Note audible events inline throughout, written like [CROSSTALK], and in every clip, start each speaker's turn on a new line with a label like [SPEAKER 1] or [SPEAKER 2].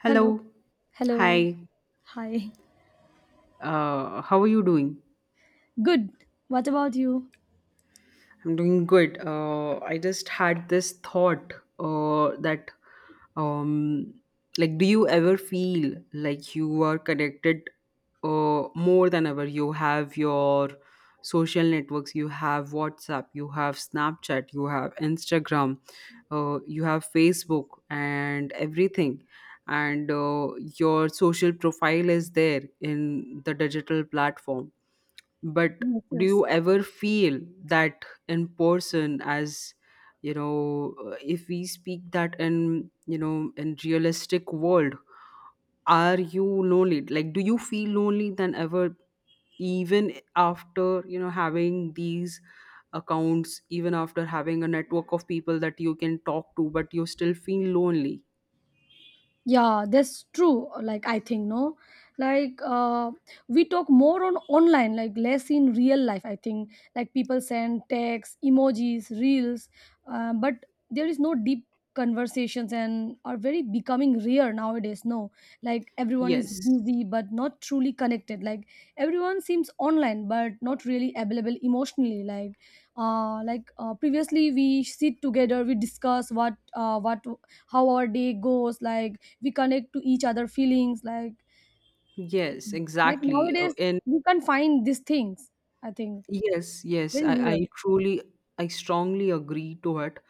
[SPEAKER 1] Hello. Hello.
[SPEAKER 2] Hi.
[SPEAKER 1] Hi.
[SPEAKER 2] How are you doing?
[SPEAKER 1] Good. What about you?
[SPEAKER 2] I'm doing good. I just had this thought uh, that, um, like, do you ever feel like you are connected more than ever? You have your social networks, you have WhatsApp, you have Snapchat, you have Instagram, you have Facebook, and everything. And your social profile is there in the digital platform, but
[SPEAKER 1] Yes,
[SPEAKER 2] do
[SPEAKER 1] yes.
[SPEAKER 2] you ever feel that in person, as, if we speak that in, in realistic world, are you lonely, like do you feel lonely than ever, even after, having these accounts, even after having a network of people that you can talk to, but you still feel lonely?
[SPEAKER 1] Yeah, that's true. Like I think no, like we talk more on online, like less in real life, I think. Like people send texts, emojis, reels, but there is no deep conversations and are very becoming rare nowadays, no. Like everyone is
[SPEAKER 2] Yes,
[SPEAKER 1] busy but not truly connected. Like everyone seems online but not really available emotionally. Like previously we sit together, we discuss what how our day goes. Like we connect to each other feelings. like
[SPEAKER 2] yes,
[SPEAKER 1] like
[SPEAKER 2] exactly.
[SPEAKER 1] nowadays
[SPEAKER 2] And
[SPEAKER 1] we can find these things, I think.
[SPEAKER 2] Yes, yes,
[SPEAKER 1] Very
[SPEAKER 2] I,
[SPEAKER 1] real.
[SPEAKER 2] I truly, I strongly agree to it.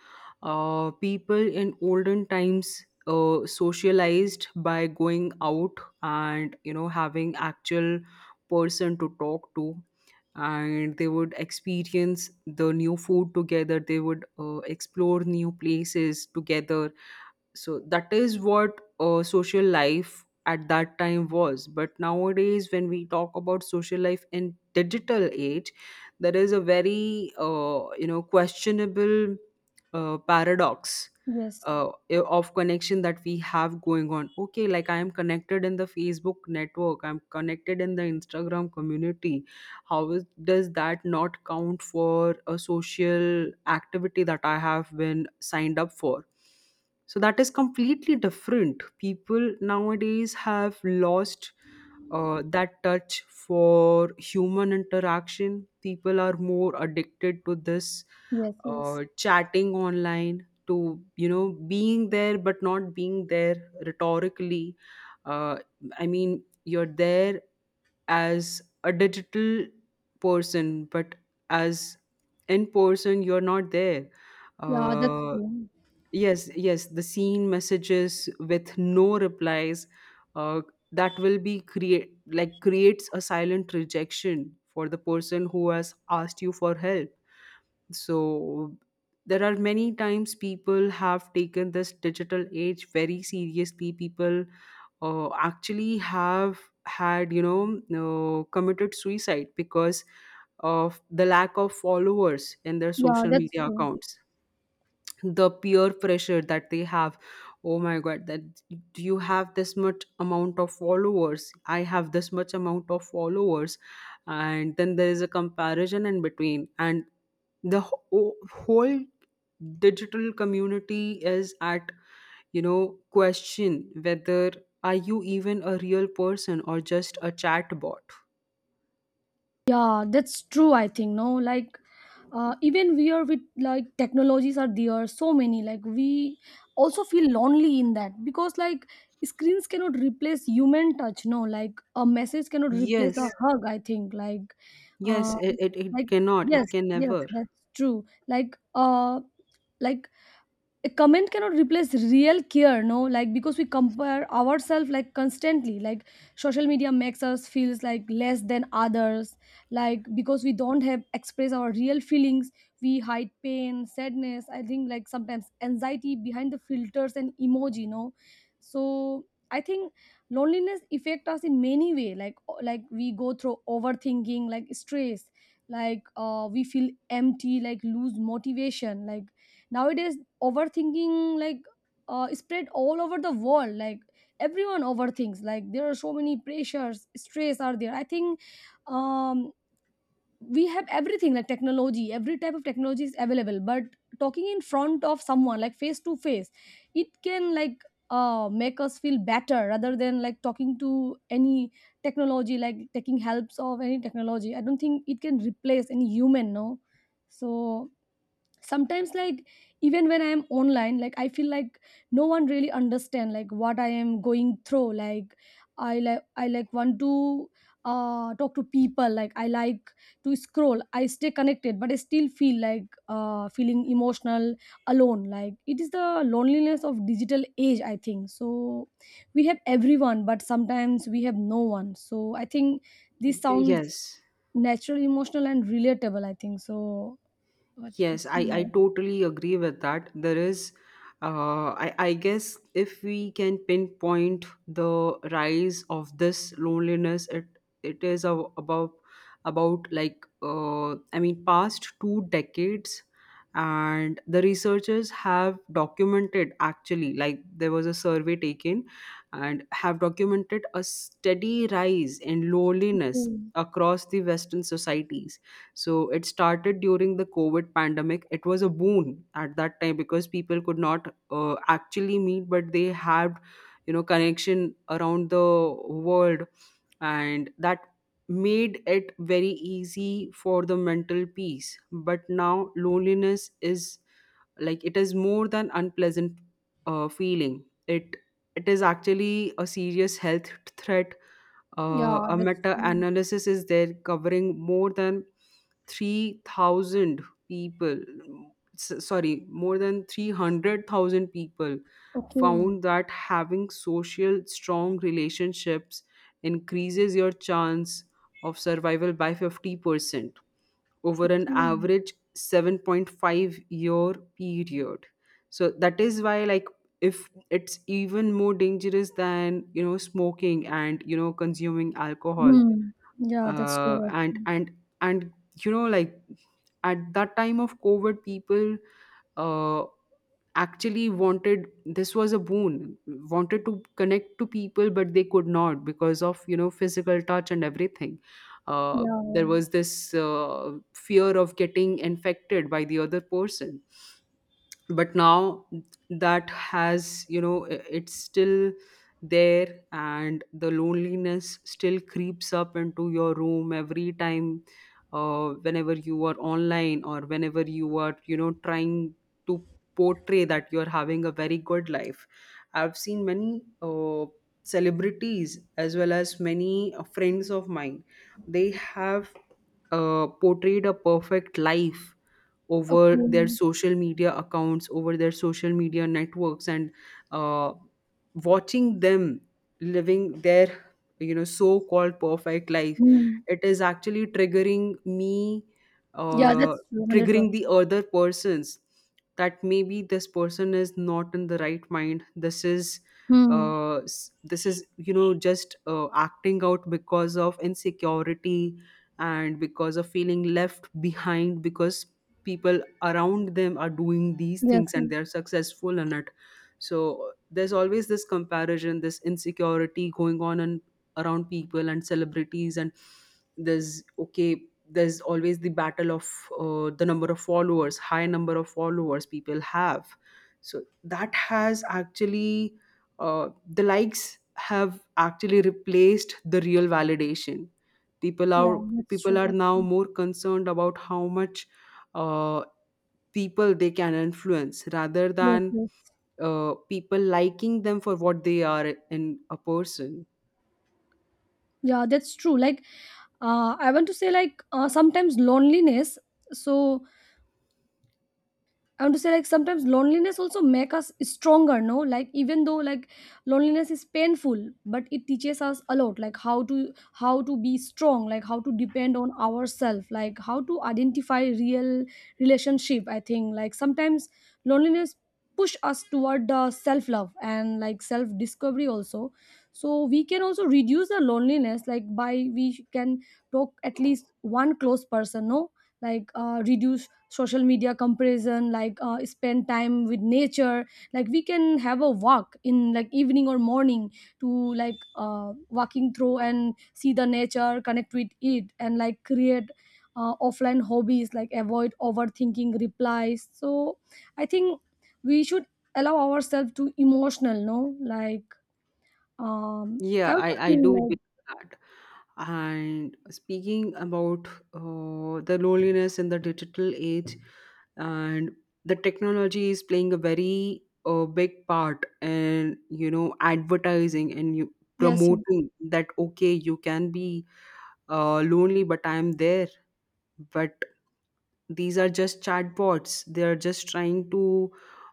[SPEAKER 2] People in olden times socialized by going out, and, having actual person to talk to, and they would experience the new food together. They would explore new places together. So that is what social life at that time was, but nowadays when we talk about social life in digital age, there is a very questionable paradox
[SPEAKER 1] Yes,
[SPEAKER 2] of connection that we have going on. Okay, like, I am connected in the Facebook network, I'm connected in the Instagram community. How is, does that not count for a social activity that I have been signed up for? So that is completely different. People nowadays have lost that touch for human interaction. People are more addicted to this
[SPEAKER 1] yes, yes.
[SPEAKER 2] chatting online, to, being there but not being there, rhetorically. Uh, i mean, you're there as a digital person, but as, in person, you're not there.
[SPEAKER 1] Yeah, that's
[SPEAKER 2] uh,
[SPEAKER 1] true.
[SPEAKER 2] yes, yes, the seen messages with no replies uh, that will be create, like, creates a silent rejection for the person who has asked you for help. So there are many times people have taken this digital age very seriously. People actually have had, committed suicide because of the lack of followers in their
[SPEAKER 1] Yeah,
[SPEAKER 2] social
[SPEAKER 1] that's
[SPEAKER 2] media
[SPEAKER 1] true.
[SPEAKER 2] accounts. The peer pressure that they have, oh my god, that, do you have this much amount of followers, I have this much amount of followers, and then there is a comparison in between, and the whole digital community is at, question, whether are you even a real person or just a chat bot.
[SPEAKER 1] Yeah, that's true. I think no, like even we are with like technologies are there so many, like we also feel lonely in that because like screens cannot replace human touch. No, like a message cannot replace a
[SPEAKER 2] Yes,
[SPEAKER 1] hug. I think
[SPEAKER 2] yes,
[SPEAKER 1] uh,
[SPEAKER 2] it, it,
[SPEAKER 1] like
[SPEAKER 2] it cannot,
[SPEAKER 1] yes,
[SPEAKER 2] it can
[SPEAKER 1] yes,
[SPEAKER 2] never.
[SPEAKER 1] that's true. Like a comment cannot replace real care, no, like because we compare ourselves like constantly. Like social media makes us feels like less than others, like because we don't have express our real feelings. We hide pain, sadness, I think, like sometimes anxiety behind the filters and emoji, no. So I think loneliness affect us in many way. Like we go through overthinking, like stress. Like we feel empty, like lose motivation. Like nowadays overthinking, like spread all over the world. Like everyone overthinks. Like there are so many pressures, stress are there, I think. Um, we have everything, like technology, every type of technology is available, but talking in front of someone like face to face, it can like make us feel better rather than like talking to any technology, like taking helps of any technology. I don't think it can replace any human, no. So sometimes, like even when I am online, like I feel like no one really understand like what I am going through. Like I like want to talk to people like I like to scroll. I stay connected but I still feel like feeling emotional alone. Like it is the loneliness of digital age, I think. So we have everyone but sometimes we have no one, so I think this
[SPEAKER 2] Y-
[SPEAKER 1] sounds
[SPEAKER 2] yes
[SPEAKER 1] natural, emotional and relatable, I think. So what to
[SPEAKER 2] Yes,
[SPEAKER 1] say
[SPEAKER 2] I
[SPEAKER 1] more.
[SPEAKER 2] totally agree with that. There is, I guess, if we can pinpoint the rise of this loneliness, it is, about, like, I mean, past 2 decades, and the researchers have documented, actually, like, there was a survey taken, and have documented a steady rise in loneliness
[SPEAKER 1] Okay.
[SPEAKER 2] across the Western societies. So it started during the COVID pandemic. It was a boon at that time because people could not actually meet, but they had, connection around the world, and that made it very easy for the mental peace. But now loneliness is, like, it is more than unpleasant feeling. It is actually a serious health threat. uh,
[SPEAKER 1] Yeah,
[SPEAKER 2] a
[SPEAKER 1] that's
[SPEAKER 2] meta
[SPEAKER 1] true.
[SPEAKER 2] analysis is there covering more than 3,000 people, sorry, more than 300,000 people,
[SPEAKER 1] Okay.
[SPEAKER 2] found that having social strong relationships increases your chance of survival by 50% over an
[SPEAKER 1] Okay.
[SPEAKER 2] average 7.5-year period. So that is why, like, if it's even more dangerous than, smoking, and, consuming alcohol.
[SPEAKER 1] Hmm. Yeah, that's
[SPEAKER 2] uh,
[SPEAKER 1] true. That's
[SPEAKER 2] and
[SPEAKER 1] true.
[SPEAKER 2] and and you know like at that time of COVID, people uh, actually wanted, this was a boon, wanted to connect to people but they could not because of, physical touch and everything. uh,
[SPEAKER 1] Yeah,
[SPEAKER 2] there
[SPEAKER 1] yeah.
[SPEAKER 2] was this fear of getting infected by the other person. But now that has you know I- it's still there, and the loneliness still creeps up into your room every time whenever you are online, or whenever you are, trying to portray that you're having a very good life. I've seen many celebrities, as well as many friends of mine. They have portrayed a perfect life over their
[SPEAKER 1] Okay.
[SPEAKER 2] social media accounts, over their social media networks, and uh, watching them living their, so-called perfect life,
[SPEAKER 1] Hmm.
[SPEAKER 2] it is actually triggering me,
[SPEAKER 1] Yeah,
[SPEAKER 2] uh,
[SPEAKER 1] that's true. 100%.
[SPEAKER 2] triggering the other persons, that maybe this person is not in the right mind. This is
[SPEAKER 1] Hmm.
[SPEAKER 2] this is, just acting out because of insecurity, and because of feeling left behind, because people around them are doing these
[SPEAKER 1] Yes,
[SPEAKER 2] things
[SPEAKER 1] yes.
[SPEAKER 2] and they're successful in it. So there's always this comparison, this insecurity going on and around people and celebrities. And there's, okay, there's always the battle of the number of followers, high number of followers people have. So that has actually, the likes have actually replaced the real validation. people
[SPEAKER 1] Yeah,
[SPEAKER 2] are
[SPEAKER 1] that's
[SPEAKER 2] people
[SPEAKER 1] true.
[SPEAKER 2] are
[SPEAKER 1] That's
[SPEAKER 2] now
[SPEAKER 1] true.
[SPEAKER 2] more concerned about how much uh, people they can influence, rather
[SPEAKER 1] Yes,
[SPEAKER 2] than
[SPEAKER 1] yes.
[SPEAKER 2] people liking them for what they are in a person.
[SPEAKER 1] Yeah, that's true. Like, I want to say, like, sometimes loneliness. So, I want to say like sometimes loneliness also make us stronger, no? Like even though like loneliness is painful, but it teaches us a lot, like how to be strong, like how to depend on ourselves, like how to identify real relationship. I think like sometimes loneliness push us toward the self love and like self discovery also. So we can also reduce the loneliness like by we can talk at least one close person, no? Like reduce social media comparison, like spend time with nature. Like we can have a walk in like evening or morning to like walking through and see the nature, connect with it, and like create offline hobbies like avoid overthinking replies. So I think we should allow ourselves to emotional, no. Like I
[SPEAKER 2] Yeah,
[SPEAKER 1] also
[SPEAKER 2] I
[SPEAKER 1] think
[SPEAKER 2] do believe
[SPEAKER 1] like.
[SPEAKER 2] that. And speaking about the loneliness in the digital age, and the technology is playing a very big part in, advertising, and you
[SPEAKER 1] Yes, yes,
[SPEAKER 2] promoting that okay, you can be lonely but I'm there. But these are just chatbots, they are just trying to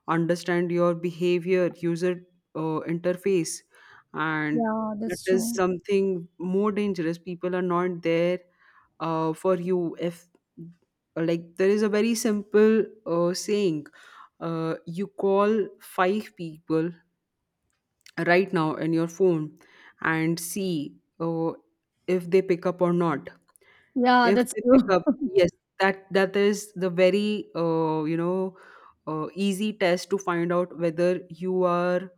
[SPEAKER 2] understand your behavior, user interface. And
[SPEAKER 1] yeah,
[SPEAKER 2] that
[SPEAKER 1] that's
[SPEAKER 2] is
[SPEAKER 1] true.
[SPEAKER 2] something more dangerous. People are not there for you, if, like, there is a very simple saying, you call five people right now in your phone and see if they pick up or not.
[SPEAKER 1] Yeah,
[SPEAKER 2] If
[SPEAKER 1] that's
[SPEAKER 2] they pick
[SPEAKER 1] true.
[SPEAKER 2] up,
[SPEAKER 1] [LAUGHS]
[SPEAKER 2] yes, that is the very, easy test to find out whether you are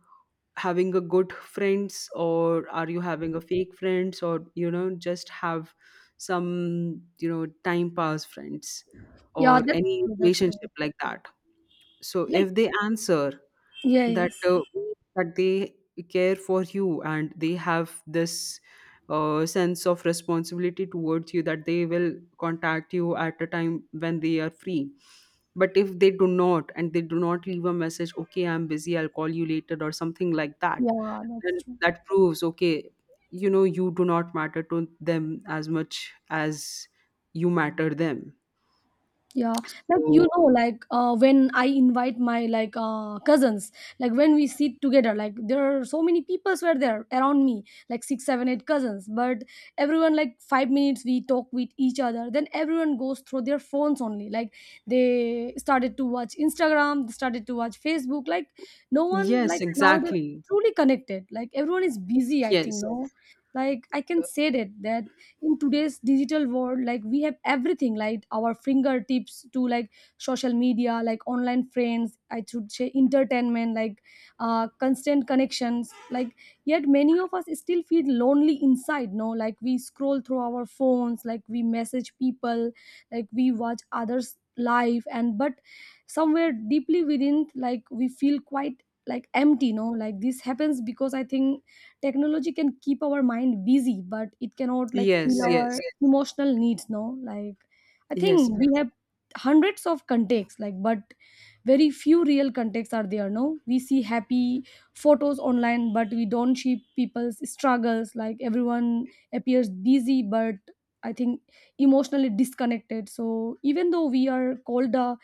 [SPEAKER 2] having a good friends, or are you having a fake friends, or, just have some, time pass friends,
[SPEAKER 1] Yeah,
[SPEAKER 2] or
[SPEAKER 1] that's
[SPEAKER 2] any
[SPEAKER 1] true. That's true.
[SPEAKER 2] relationship like that. So
[SPEAKER 1] Like,
[SPEAKER 2] if they answer
[SPEAKER 1] yeah,
[SPEAKER 2] that,
[SPEAKER 1] yes.
[SPEAKER 2] that they care for you and they have this sense of responsibility towards you, that they will contact you at a time when they are free. But if they do not, and they do not leave a message, okay, I'm busy, I'll call you later, or something like that,
[SPEAKER 1] Yeah, that's
[SPEAKER 2] then
[SPEAKER 1] true.
[SPEAKER 2] that proves, okay, you do not matter to them as much as you matter them.
[SPEAKER 1] Yeah, like you
[SPEAKER 2] So,
[SPEAKER 1] know, like when I invite my like cousins, like when we sit together, like there are so many peoples were there around me, like six, seven, eight cousins. But everyone like 5 minutes we talk with each other. Then everyone goes through their phones only. Like they started to watch Instagram, they started to watch Facebook. Like no one
[SPEAKER 2] yes,
[SPEAKER 1] like nowadays
[SPEAKER 2] exactly.
[SPEAKER 1] truly connected. Like everyone is busy. I think
[SPEAKER 2] Yes.
[SPEAKER 1] no, like I can say that in today's digital world like we have everything like our fingertips to like social media, like online friends, I should say, entertainment, like constant connections, like yet many of us still feel lonely inside, no. Like we scroll through our phones, like we message people, like we watch others live, and but somewhere deeply within like we feel quite like empty, no. Like this happens because I think technology can keep our mind busy but it cannot like fill,
[SPEAKER 2] Yes.
[SPEAKER 1] yes, our
[SPEAKER 2] Yes.
[SPEAKER 1] emotional needs, no. Like I
[SPEAKER 2] Yes.
[SPEAKER 1] think we have hundreds of contexts, like but very few real contexts are there, no. We see happy photos online but we don't see people's struggles. Like everyone appears busy but I think emotionally disconnected. So even though we are called the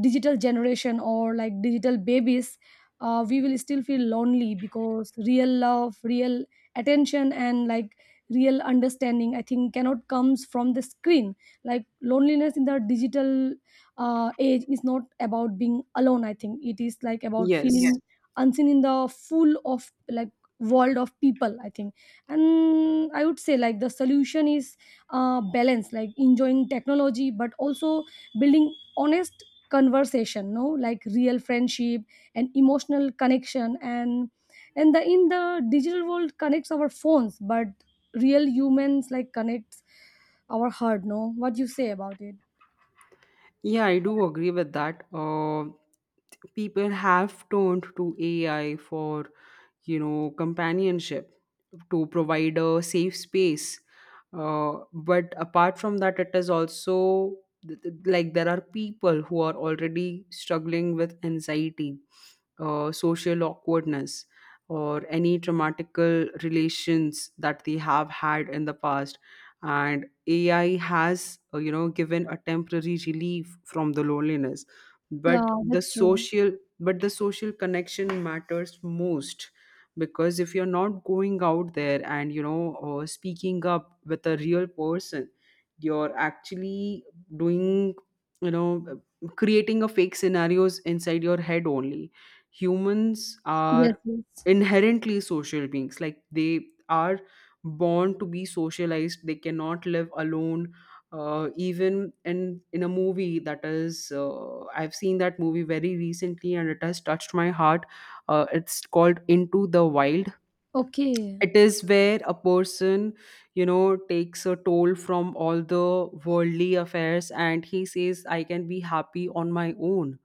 [SPEAKER 1] digital generation or like digital babies, we will still feel lonely because real love, real attention, and like real understanding, I think, cannot comes from the screen. Like loneliness in the digital age is not about being alone, I think. It is like about, yes, feeling,
[SPEAKER 2] Yes.
[SPEAKER 1] yes, unseen in the full of like world of people, I think. And I would say like the solution is balance, like enjoying technology but also building honest conversation, no, like real friendship and emotional connection. And the in the digital world connects our phones but real humans like connects our heart, no. What you say about it?
[SPEAKER 2] Yeah, I do agree with that. People have turned to AI for, companionship, to provide a safe space, but apart from that it is also like, there are people who are already struggling with anxiety, social awkwardness, or any traumatical relations that they have had in the past, and AI has given a temporary relief from the loneliness. but
[SPEAKER 1] Yeah,
[SPEAKER 2] the
[SPEAKER 1] that's true.
[SPEAKER 2] social but the social connection matters most, because if you're not going out there and, speaking up with a real person, you're actually doing, you know creating a fake scenarios inside your head only. Humans
[SPEAKER 1] Yes,
[SPEAKER 2] are
[SPEAKER 1] yes.
[SPEAKER 2] inherently social beings, like, they are born to be socialized, they cannot live alone. Even in a movie, that is, I've seen that movie very recently and it has touched my heart. It's called Into the Wild.
[SPEAKER 1] Okay.
[SPEAKER 2] It is where a person, takes a toll from all the worldly affairs, and he says I can be happy on my own.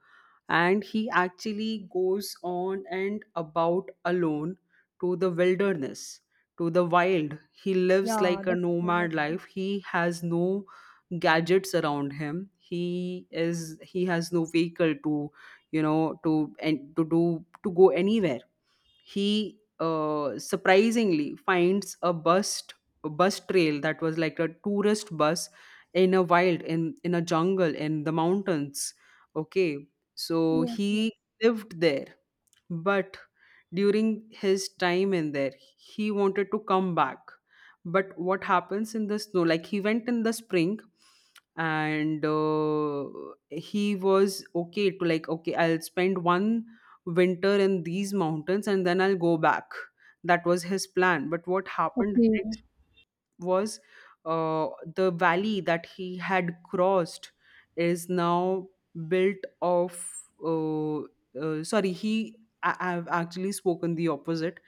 [SPEAKER 2] And he actually goes on and about alone to the wilderness, to the wild. He lives
[SPEAKER 1] Yeah,
[SPEAKER 2] like a
[SPEAKER 1] that's true.
[SPEAKER 2] nomad
[SPEAKER 1] That's true.
[SPEAKER 2] life, he has no gadgets around him, he has no vehicle to, you know to and to do to go anywhere. He surprisingly finds a bus trail that was like a tourist bus, in a wild, in a jungle, in the mountains. Okay, so
[SPEAKER 1] Yes, yes.
[SPEAKER 2] he lived there. But during his time in there, he wanted to come back. But what happens in the snow, like, he went in the spring, and he was okay to, like, okay, I'll spend one winter in these mountains, and then I'll go back. That was his plan. But what happened
[SPEAKER 1] Okay.
[SPEAKER 2] next was uh, the valley that he had crossed is now built of. Uh, sorry, he. I, I've actually spoken the opposite.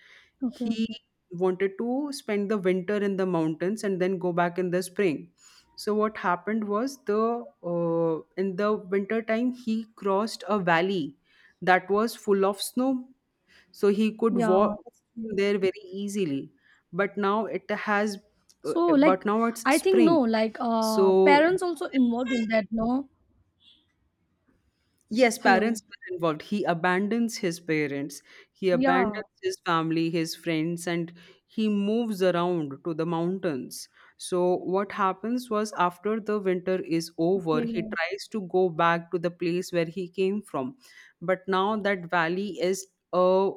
[SPEAKER 1] Okay.
[SPEAKER 2] He
[SPEAKER 1] Okay.
[SPEAKER 2] wanted to spend the winter in the mountains and then go back in the spring. So what happened was, the in the winter time he crossed a valley that was full of snow, so he could
[SPEAKER 1] Yeah,
[SPEAKER 2] walk
[SPEAKER 1] that's true.
[SPEAKER 2] there very easily. But now it has, uh,
[SPEAKER 1] So
[SPEAKER 2] but
[SPEAKER 1] like
[SPEAKER 2] now it's
[SPEAKER 1] I think no,
[SPEAKER 2] spring.
[SPEAKER 1] like
[SPEAKER 2] So,
[SPEAKER 1] parents also involved in that, no.
[SPEAKER 2] yes,
[SPEAKER 1] Hello.
[SPEAKER 2] parents were involved. He abandons his parents, he
[SPEAKER 1] Yeah.
[SPEAKER 2] abandons his family, his friends, and he moves around to the mountains. So, what happens was, after the winter is over,
[SPEAKER 1] Okay.
[SPEAKER 2] he tries to go back to the place where he came from. But now that valley is a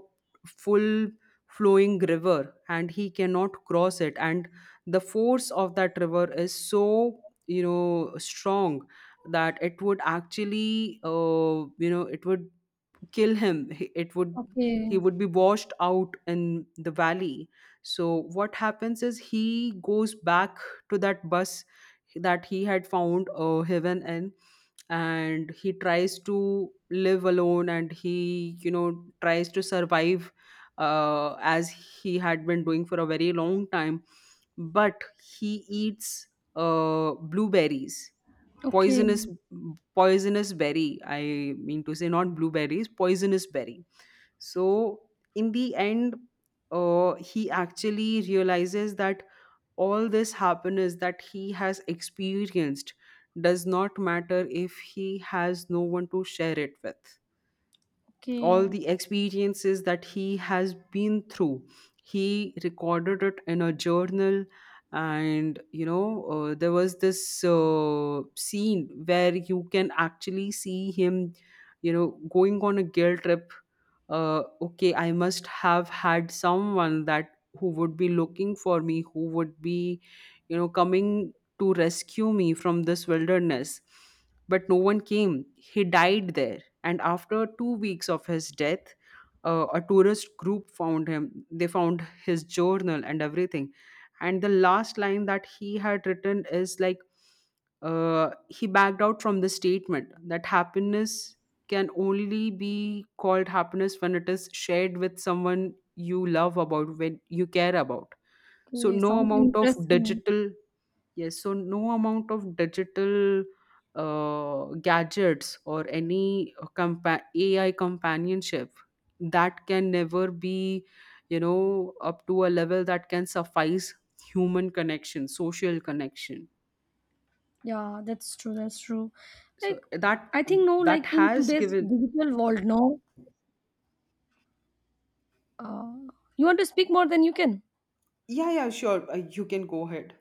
[SPEAKER 2] full flowing river and he cannot cross it. And the force of that river is so, you know, strong that it would actually it would kill him. It would
[SPEAKER 1] Okay.
[SPEAKER 2] he would be washed out in the valley. So what happens is he goes back to that bus that he had found heaven in. And he tries to live alone and he, you know, tries to survive as he had been doing for a very long time. But he eats blueberries,
[SPEAKER 1] Okay.
[SPEAKER 2] poisonous, poisonous berry. I mean to say not blueberries, poisonous berry. So in the end he actually realizes that all this happiness that he has experienced does not matter if he has no one to share it with, all
[SPEAKER 1] Okay.
[SPEAKER 2] the experiences that he has been through. He recorded it in a journal, and there was this scene where you can actually see him, you know, going on a guilt trip. Okay, I must have had someone that who would be looking for me, who would be, you know, coming to rescue me from this wilderness. But no one came. He died there, and after two weeks of his death a tourist group found him. They found his journal and everything. And the last line that he had written is like he backed out from the statement that happiness can only be called happiness when it is shared with someone you love about, when you care about. So
[SPEAKER 1] Okay,
[SPEAKER 2] no
[SPEAKER 1] sounds
[SPEAKER 2] amount of
[SPEAKER 1] interesting.
[SPEAKER 2] digital. Yes, so no amount of digital gadgets or any AI companionship, that can never be, you know, up to a level that can suffice human connection, social connection.
[SPEAKER 1] Yeah, that's true. That's true.
[SPEAKER 2] So
[SPEAKER 1] Like, I think no, like
[SPEAKER 2] that
[SPEAKER 1] in
[SPEAKER 2] has
[SPEAKER 1] today's
[SPEAKER 2] given.
[SPEAKER 1] digital world, no, uh, you want to speak more than you can.
[SPEAKER 2] Yeah, yeah, sure. You can go ahead.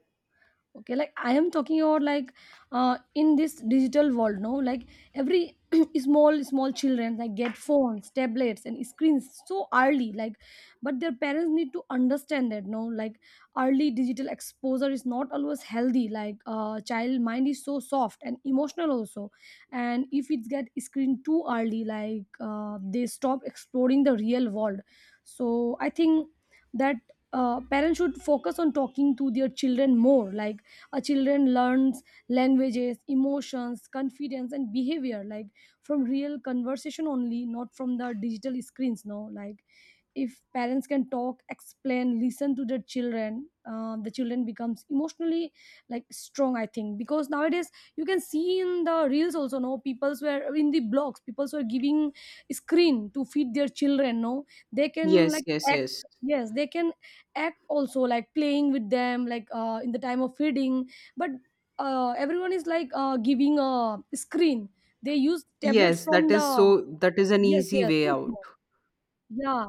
[SPEAKER 1] Okay, like I am talking about like in this digital world, no, like every [CLEARS THROAT] small small children like get phones, tablets and screens so early, like but their parents need to understand that, no. Like early digital exposure is not always healthy. Like child mind is so soft and emotional also. And if it get screen too early, like they stop exploring the real world. So I think that parents should focus on talking to their children more. Like a children learns languages, emotions, confidence and behavior, like from real conversation only, not from the digital screens, no. Like if parents can talk, explain, listen to their children, the children becomes emotionally like strong, I think. Because nowadays you can see in the reels also, no, people's were in the blogs, people's were giving screen to feed their children, no. They can
[SPEAKER 2] Yes,
[SPEAKER 1] like
[SPEAKER 2] yes,
[SPEAKER 1] act.
[SPEAKER 2] yes,
[SPEAKER 1] Yes. They can act also like playing with them, like in the time of feeding. But everyone is like giving a screen. They use tablets
[SPEAKER 2] yes. That
[SPEAKER 1] from the,
[SPEAKER 2] is so. That is an
[SPEAKER 1] yes,
[SPEAKER 2] easy
[SPEAKER 1] yes,
[SPEAKER 2] way
[SPEAKER 1] so
[SPEAKER 2] out.
[SPEAKER 1] small. Yeah,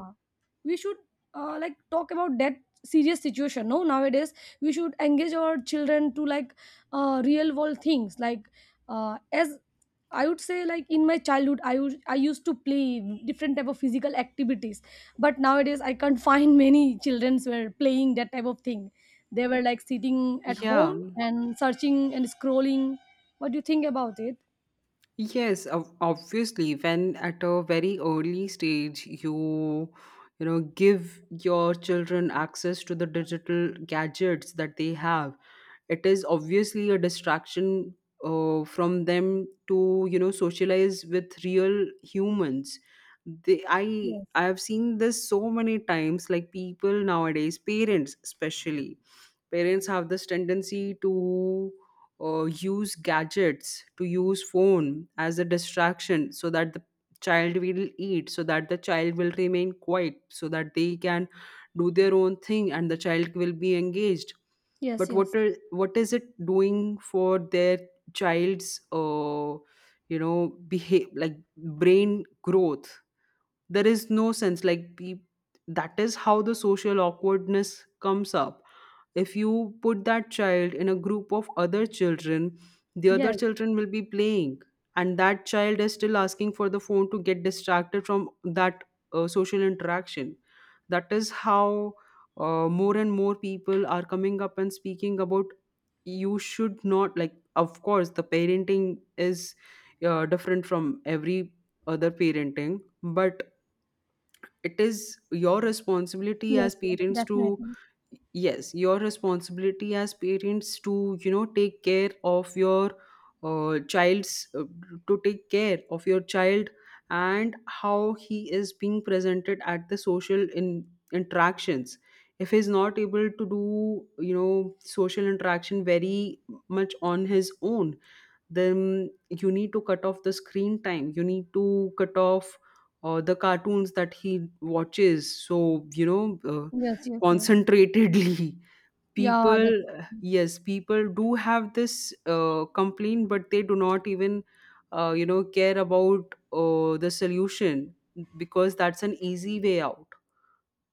[SPEAKER 1] we should like talk about that serious situation, no, nowadays. We should engage our children to like real world things, like as I would say like in my childhood I used to play different type of physical activities. But nowadays I can't [LAUGHS] find many children were playing that type of thing. They were like sitting at home
[SPEAKER 2] Yeah.
[SPEAKER 1] and searching and scrolling. What do you think about it?
[SPEAKER 2] Yes, obviously, when at a very early stage you, you know, give your children access to the digital gadgets that they have, it is obviously a distraction from them to, you know, socialize with real humans. They, I
[SPEAKER 1] Yes,
[SPEAKER 2] I have seen this so many times, like people nowadays, parents especially, parents have this tendency to use gadgets, to use phone as a distraction so that the child will eat, so that the child will remain quiet, so that they can do their own thing and the child will be engaged.
[SPEAKER 1] yes,
[SPEAKER 2] But what
[SPEAKER 1] yes.
[SPEAKER 2] are, what is it doing for their child's you know behave like brain growth. There is no sense like that is how the social awkwardness comes up. If you put that child in a group of other children, the other
[SPEAKER 1] Yes,
[SPEAKER 2] children will be playing and that child is still asking for the phone to get distracted from that social interaction. That is how more and more people are coming up and speaking about you should not, like, of course the parenting is different from every other parenting, but it is your responsibility
[SPEAKER 1] yes,
[SPEAKER 2] as
[SPEAKER 1] yes.
[SPEAKER 2] parents to
[SPEAKER 1] Definitely.
[SPEAKER 2] yes your responsibility as parents to, you know, take care of your child's to take care of your child and how he is being presented at the social in interactions. If he's not able to do, you know, social interaction very much on his own, then you need to cut off the screen time, you need to cut off the cartoons that he watches. So you know
[SPEAKER 1] Yes, yes, yes.
[SPEAKER 2] concentratedly [LAUGHS]
[SPEAKER 1] Yeah,
[SPEAKER 2] people.
[SPEAKER 1] that's.
[SPEAKER 2] Yes, people do have this complaint, but they do not even you know care about the solution because that's an easy way out.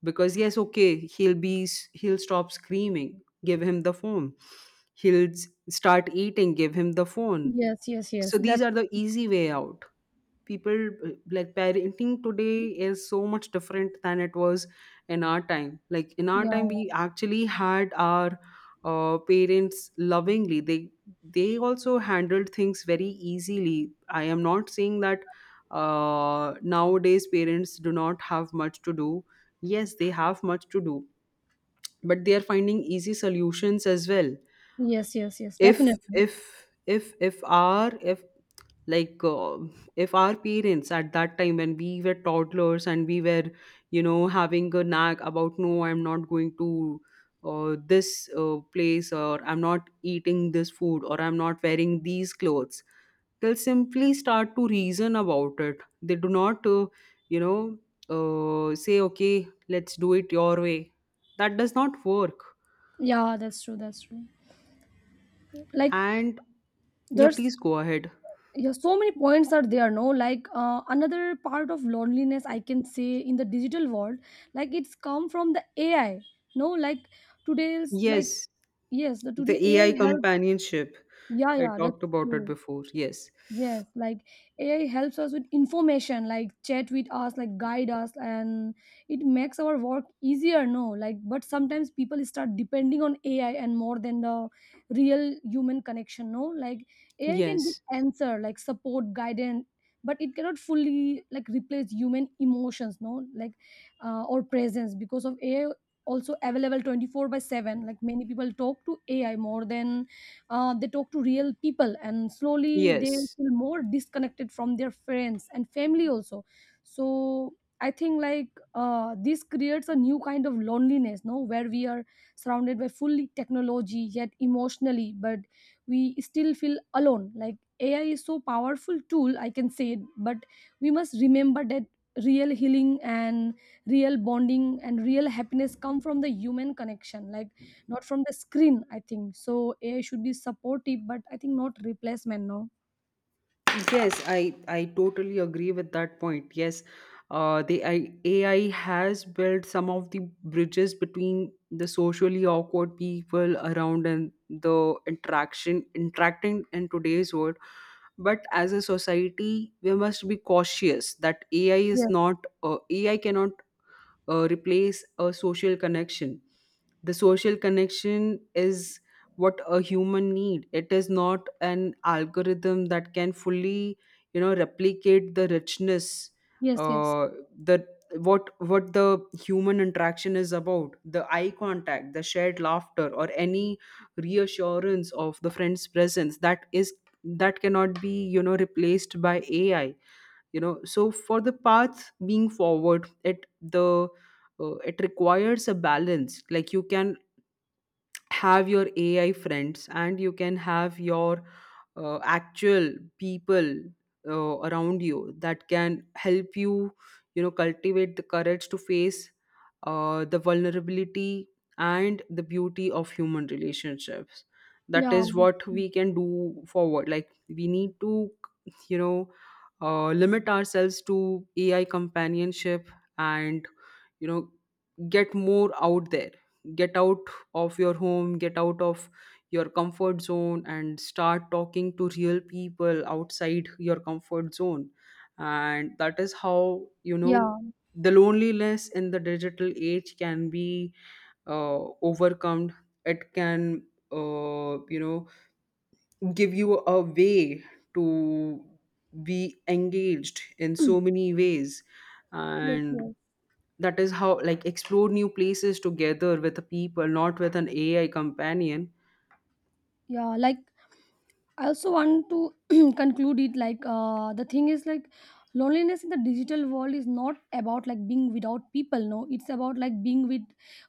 [SPEAKER 2] Because yes, okay, he'll stop screaming, give him the phone. He'll start eating, give him the phone.
[SPEAKER 1] Yes, yes,
[SPEAKER 2] So
[SPEAKER 1] yes.
[SPEAKER 2] these
[SPEAKER 1] That's
[SPEAKER 2] are the easy way out. People like parenting today is so much different than it was in our time. Like in our time
[SPEAKER 1] yeah.
[SPEAKER 2] we actually had our parents lovingly. They also handled things very easily. I am not saying that nowadays parents do not have much to do. Yes, they have much to do, but they are finding easy solutions as well.
[SPEAKER 1] Yes, yes, yes.
[SPEAKER 2] if
[SPEAKER 1] Definitely.
[SPEAKER 2] if if if our if like if our parents at that time when we were toddlers and we were, you know, having a nag about no I'm not going to this place, or I'm not eating this food, or I'm not wearing these clothes, they'll simply start to reason about it. They do not you know say okay, let's do it your way. That does not work.
[SPEAKER 1] Yeah, that's true. That's true. Like,
[SPEAKER 2] And yeah,
[SPEAKER 1] there's,
[SPEAKER 2] please go ahead.
[SPEAKER 1] yeah, so many points are there. No, like another part of loneliness I can say in the digital world, like it's come from the AI. No, like today's like
[SPEAKER 2] Yes,
[SPEAKER 1] yes, the
[SPEAKER 2] the
[SPEAKER 1] today
[SPEAKER 2] AI
[SPEAKER 1] AI help.
[SPEAKER 2] companionship.
[SPEAKER 1] Yeah,
[SPEAKER 2] I
[SPEAKER 1] yeah. That's
[SPEAKER 2] talked about it
[SPEAKER 1] true.
[SPEAKER 2] before. Yes.
[SPEAKER 1] Yes, like AI helps us with information, like chat with us, like guide us, and it makes our work easier. No, like, but sometimes people start depending on AI and more than the real human connection. No, like AI can give
[SPEAKER 2] Yes.
[SPEAKER 1] answer, like support, guidance, but it cannot fully like replace human emotions. No, like or presence because of AI also available 24 by 7, like many people talk to ai more than they talk to real people and slowly they
[SPEAKER 2] Yes.
[SPEAKER 1] feel more disconnected from their friends and family also. So I think like this creates a new kind of loneliness, no, where we are surrounded by fully technology yet emotionally but we still feel alone. Like AI is so powerful tool, I can say it, but we must remember that real healing and real bonding and real happiness come from the human connection, like not from the screen, I think. So AI should be supportive but I think not replacement, no.
[SPEAKER 2] Yes, I totally agree with that point. Yes. The AI has built some of the bridges between the socially awkward people around and the interaction interacting in today's world. But as a society, we must be cautious that AI is
[SPEAKER 1] Yes,
[SPEAKER 2] not AI cannot replace a social connection. The social connection is what a human need. It is not an algorithm that can fully, you know, replicate the richness
[SPEAKER 1] yes, yes.
[SPEAKER 2] uh, the what the human interaction is about: the eye contact, the shared laughter, or any reassurance of the friend's presence. That, is that cannot be, you know, replaced by AI. You know, so for the path being forward, the it requires a balance. Like, you can have your AI friends and you can have your actual people around you that can help you, you know, cultivate the courage to face the vulnerability and the beauty of human relationships. That
[SPEAKER 1] Yeah,
[SPEAKER 2] is what we can do forward. Like, we need to, you know, limit ourselves to AI companionship and, you know, get more out there, get out of your home, get out of your comfort zone, and start talking to real people outside your comfort zone. And that is how, you know,
[SPEAKER 1] yeah,
[SPEAKER 2] the loneliness in the digital age can be overcome. It can, you know, give you a way to be engaged in so
[SPEAKER 1] [CLEARS THROAT]
[SPEAKER 2] many ways.
[SPEAKER 1] yes,
[SPEAKER 2] And
[SPEAKER 1] yes,
[SPEAKER 2] that is how like explore new places together with the people, not with an AI companion.
[SPEAKER 1] yeah. Like I also want to [CLEARS THROAT] conclude it like the thing is like loneliness in the digital world is not about like being without people, no. It's about like being with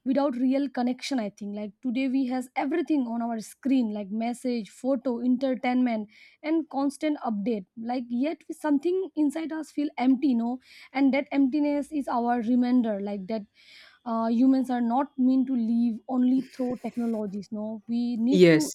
[SPEAKER 1] without real connection, I think. Like today we has everything on our screen, like message, photo, entertainment, and constant update, like yet something inside us feel empty, no. And that emptiness is our reminder like that humans are not meant to live only through technologies, no. We need to
[SPEAKER 2] Yes,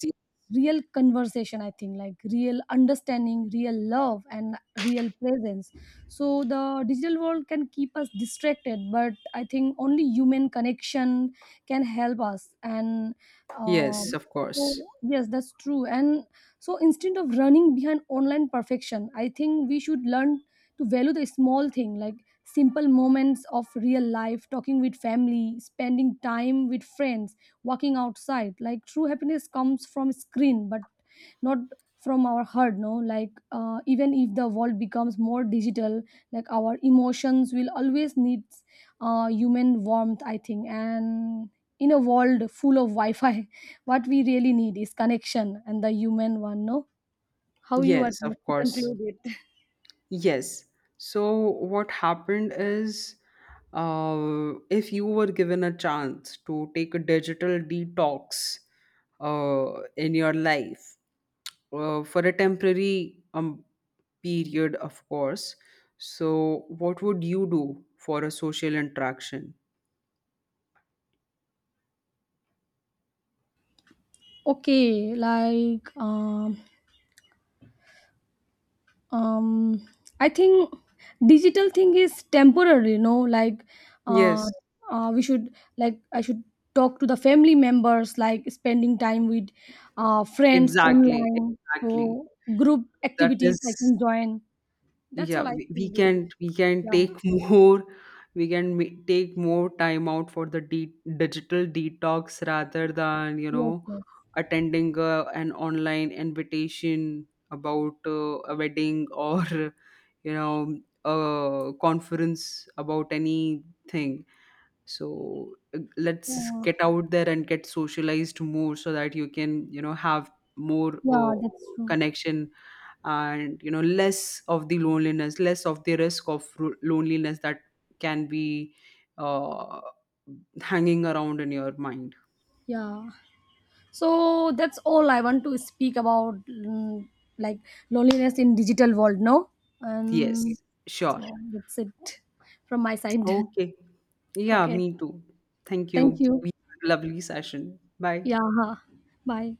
[SPEAKER 1] real conversation, I think, like real understanding, real love and real presence. So the digital world can keep us distracted but I think only human connection can help us. And uh,
[SPEAKER 2] yes, of
[SPEAKER 1] so
[SPEAKER 2] course.
[SPEAKER 1] yes, that's true. And so instead of running behind online perfection, I think we should learn to value the small thing, like simple moments of real life, talking with family, spending time with friends, walking outside. Like true happiness comes from screen but not from our heart, no. Like even if the world becomes more digital, like our emotions will always need human warmth, I think. And in a world full of wi-fi [LAUGHS] what we really need is connection and the human one, no. How you are
[SPEAKER 2] Yes, of
[SPEAKER 1] to
[SPEAKER 2] course.
[SPEAKER 1] conclude it?
[SPEAKER 2] Yes. So what happened is if you were given a chance to take a digital detox in your life for a temporary period, of course. So, what would you do for a social interaction?
[SPEAKER 1] Okay, like um I think digital thing is temporary, you know, like uh,
[SPEAKER 2] Yes.
[SPEAKER 1] we should, like I should talk to the family members, like spending time with friends
[SPEAKER 2] Exactly,
[SPEAKER 1] online.
[SPEAKER 2] exactly.
[SPEAKER 1] So group
[SPEAKER 2] That
[SPEAKER 1] activities I
[SPEAKER 2] is,
[SPEAKER 1] can join. That's
[SPEAKER 2] yeah,
[SPEAKER 1] all I can do.
[SPEAKER 2] we can
[SPEAKER 1] Yeah.
[SPEAKER 2] take [LAUGHS] more, we can take more time out for the de digital detox rather than, you
[SPEAKER 1] Yes,
[SPEAKER 2] know,
[SPEAKER 1] yes.
[SPEAKER 2] attending an online invitation about a wedding [LAUGHS] or, you know, a conference about anything. So let's
[SPEAKER 1] Yeah,
[SPEAKER 2] get out there and get socialized more so that you can, you know, have more
[SPEAKER 1] yeah, that's true.
[SPEAKER 2] connection and, you know, less of the loneliness, less of the risk of loneliness that can be uh, hanging around in your mind.
[SPEAKER 1] Yeah. So that's all I want to speak about, like loneliness in digital world. No, and
[SPEAKER 2] Yes, sure.
[SPEAKER 1] so that's it from my side.
[SPEAKER 2] Okay,
[SPEAKER 1] [LAUGHS]
[SPEAKER 2] yeah,
[SPEAKER 1] Okay,
[SPEAKER 2] me too. Thank
[SPEAKER 1] thank
[SPEAKER 2] you,
[SPEAKER 1] you.
[SPEAKER 2] we had a lovely session. Bye.
[SPEAKER 1] Yeah, bye.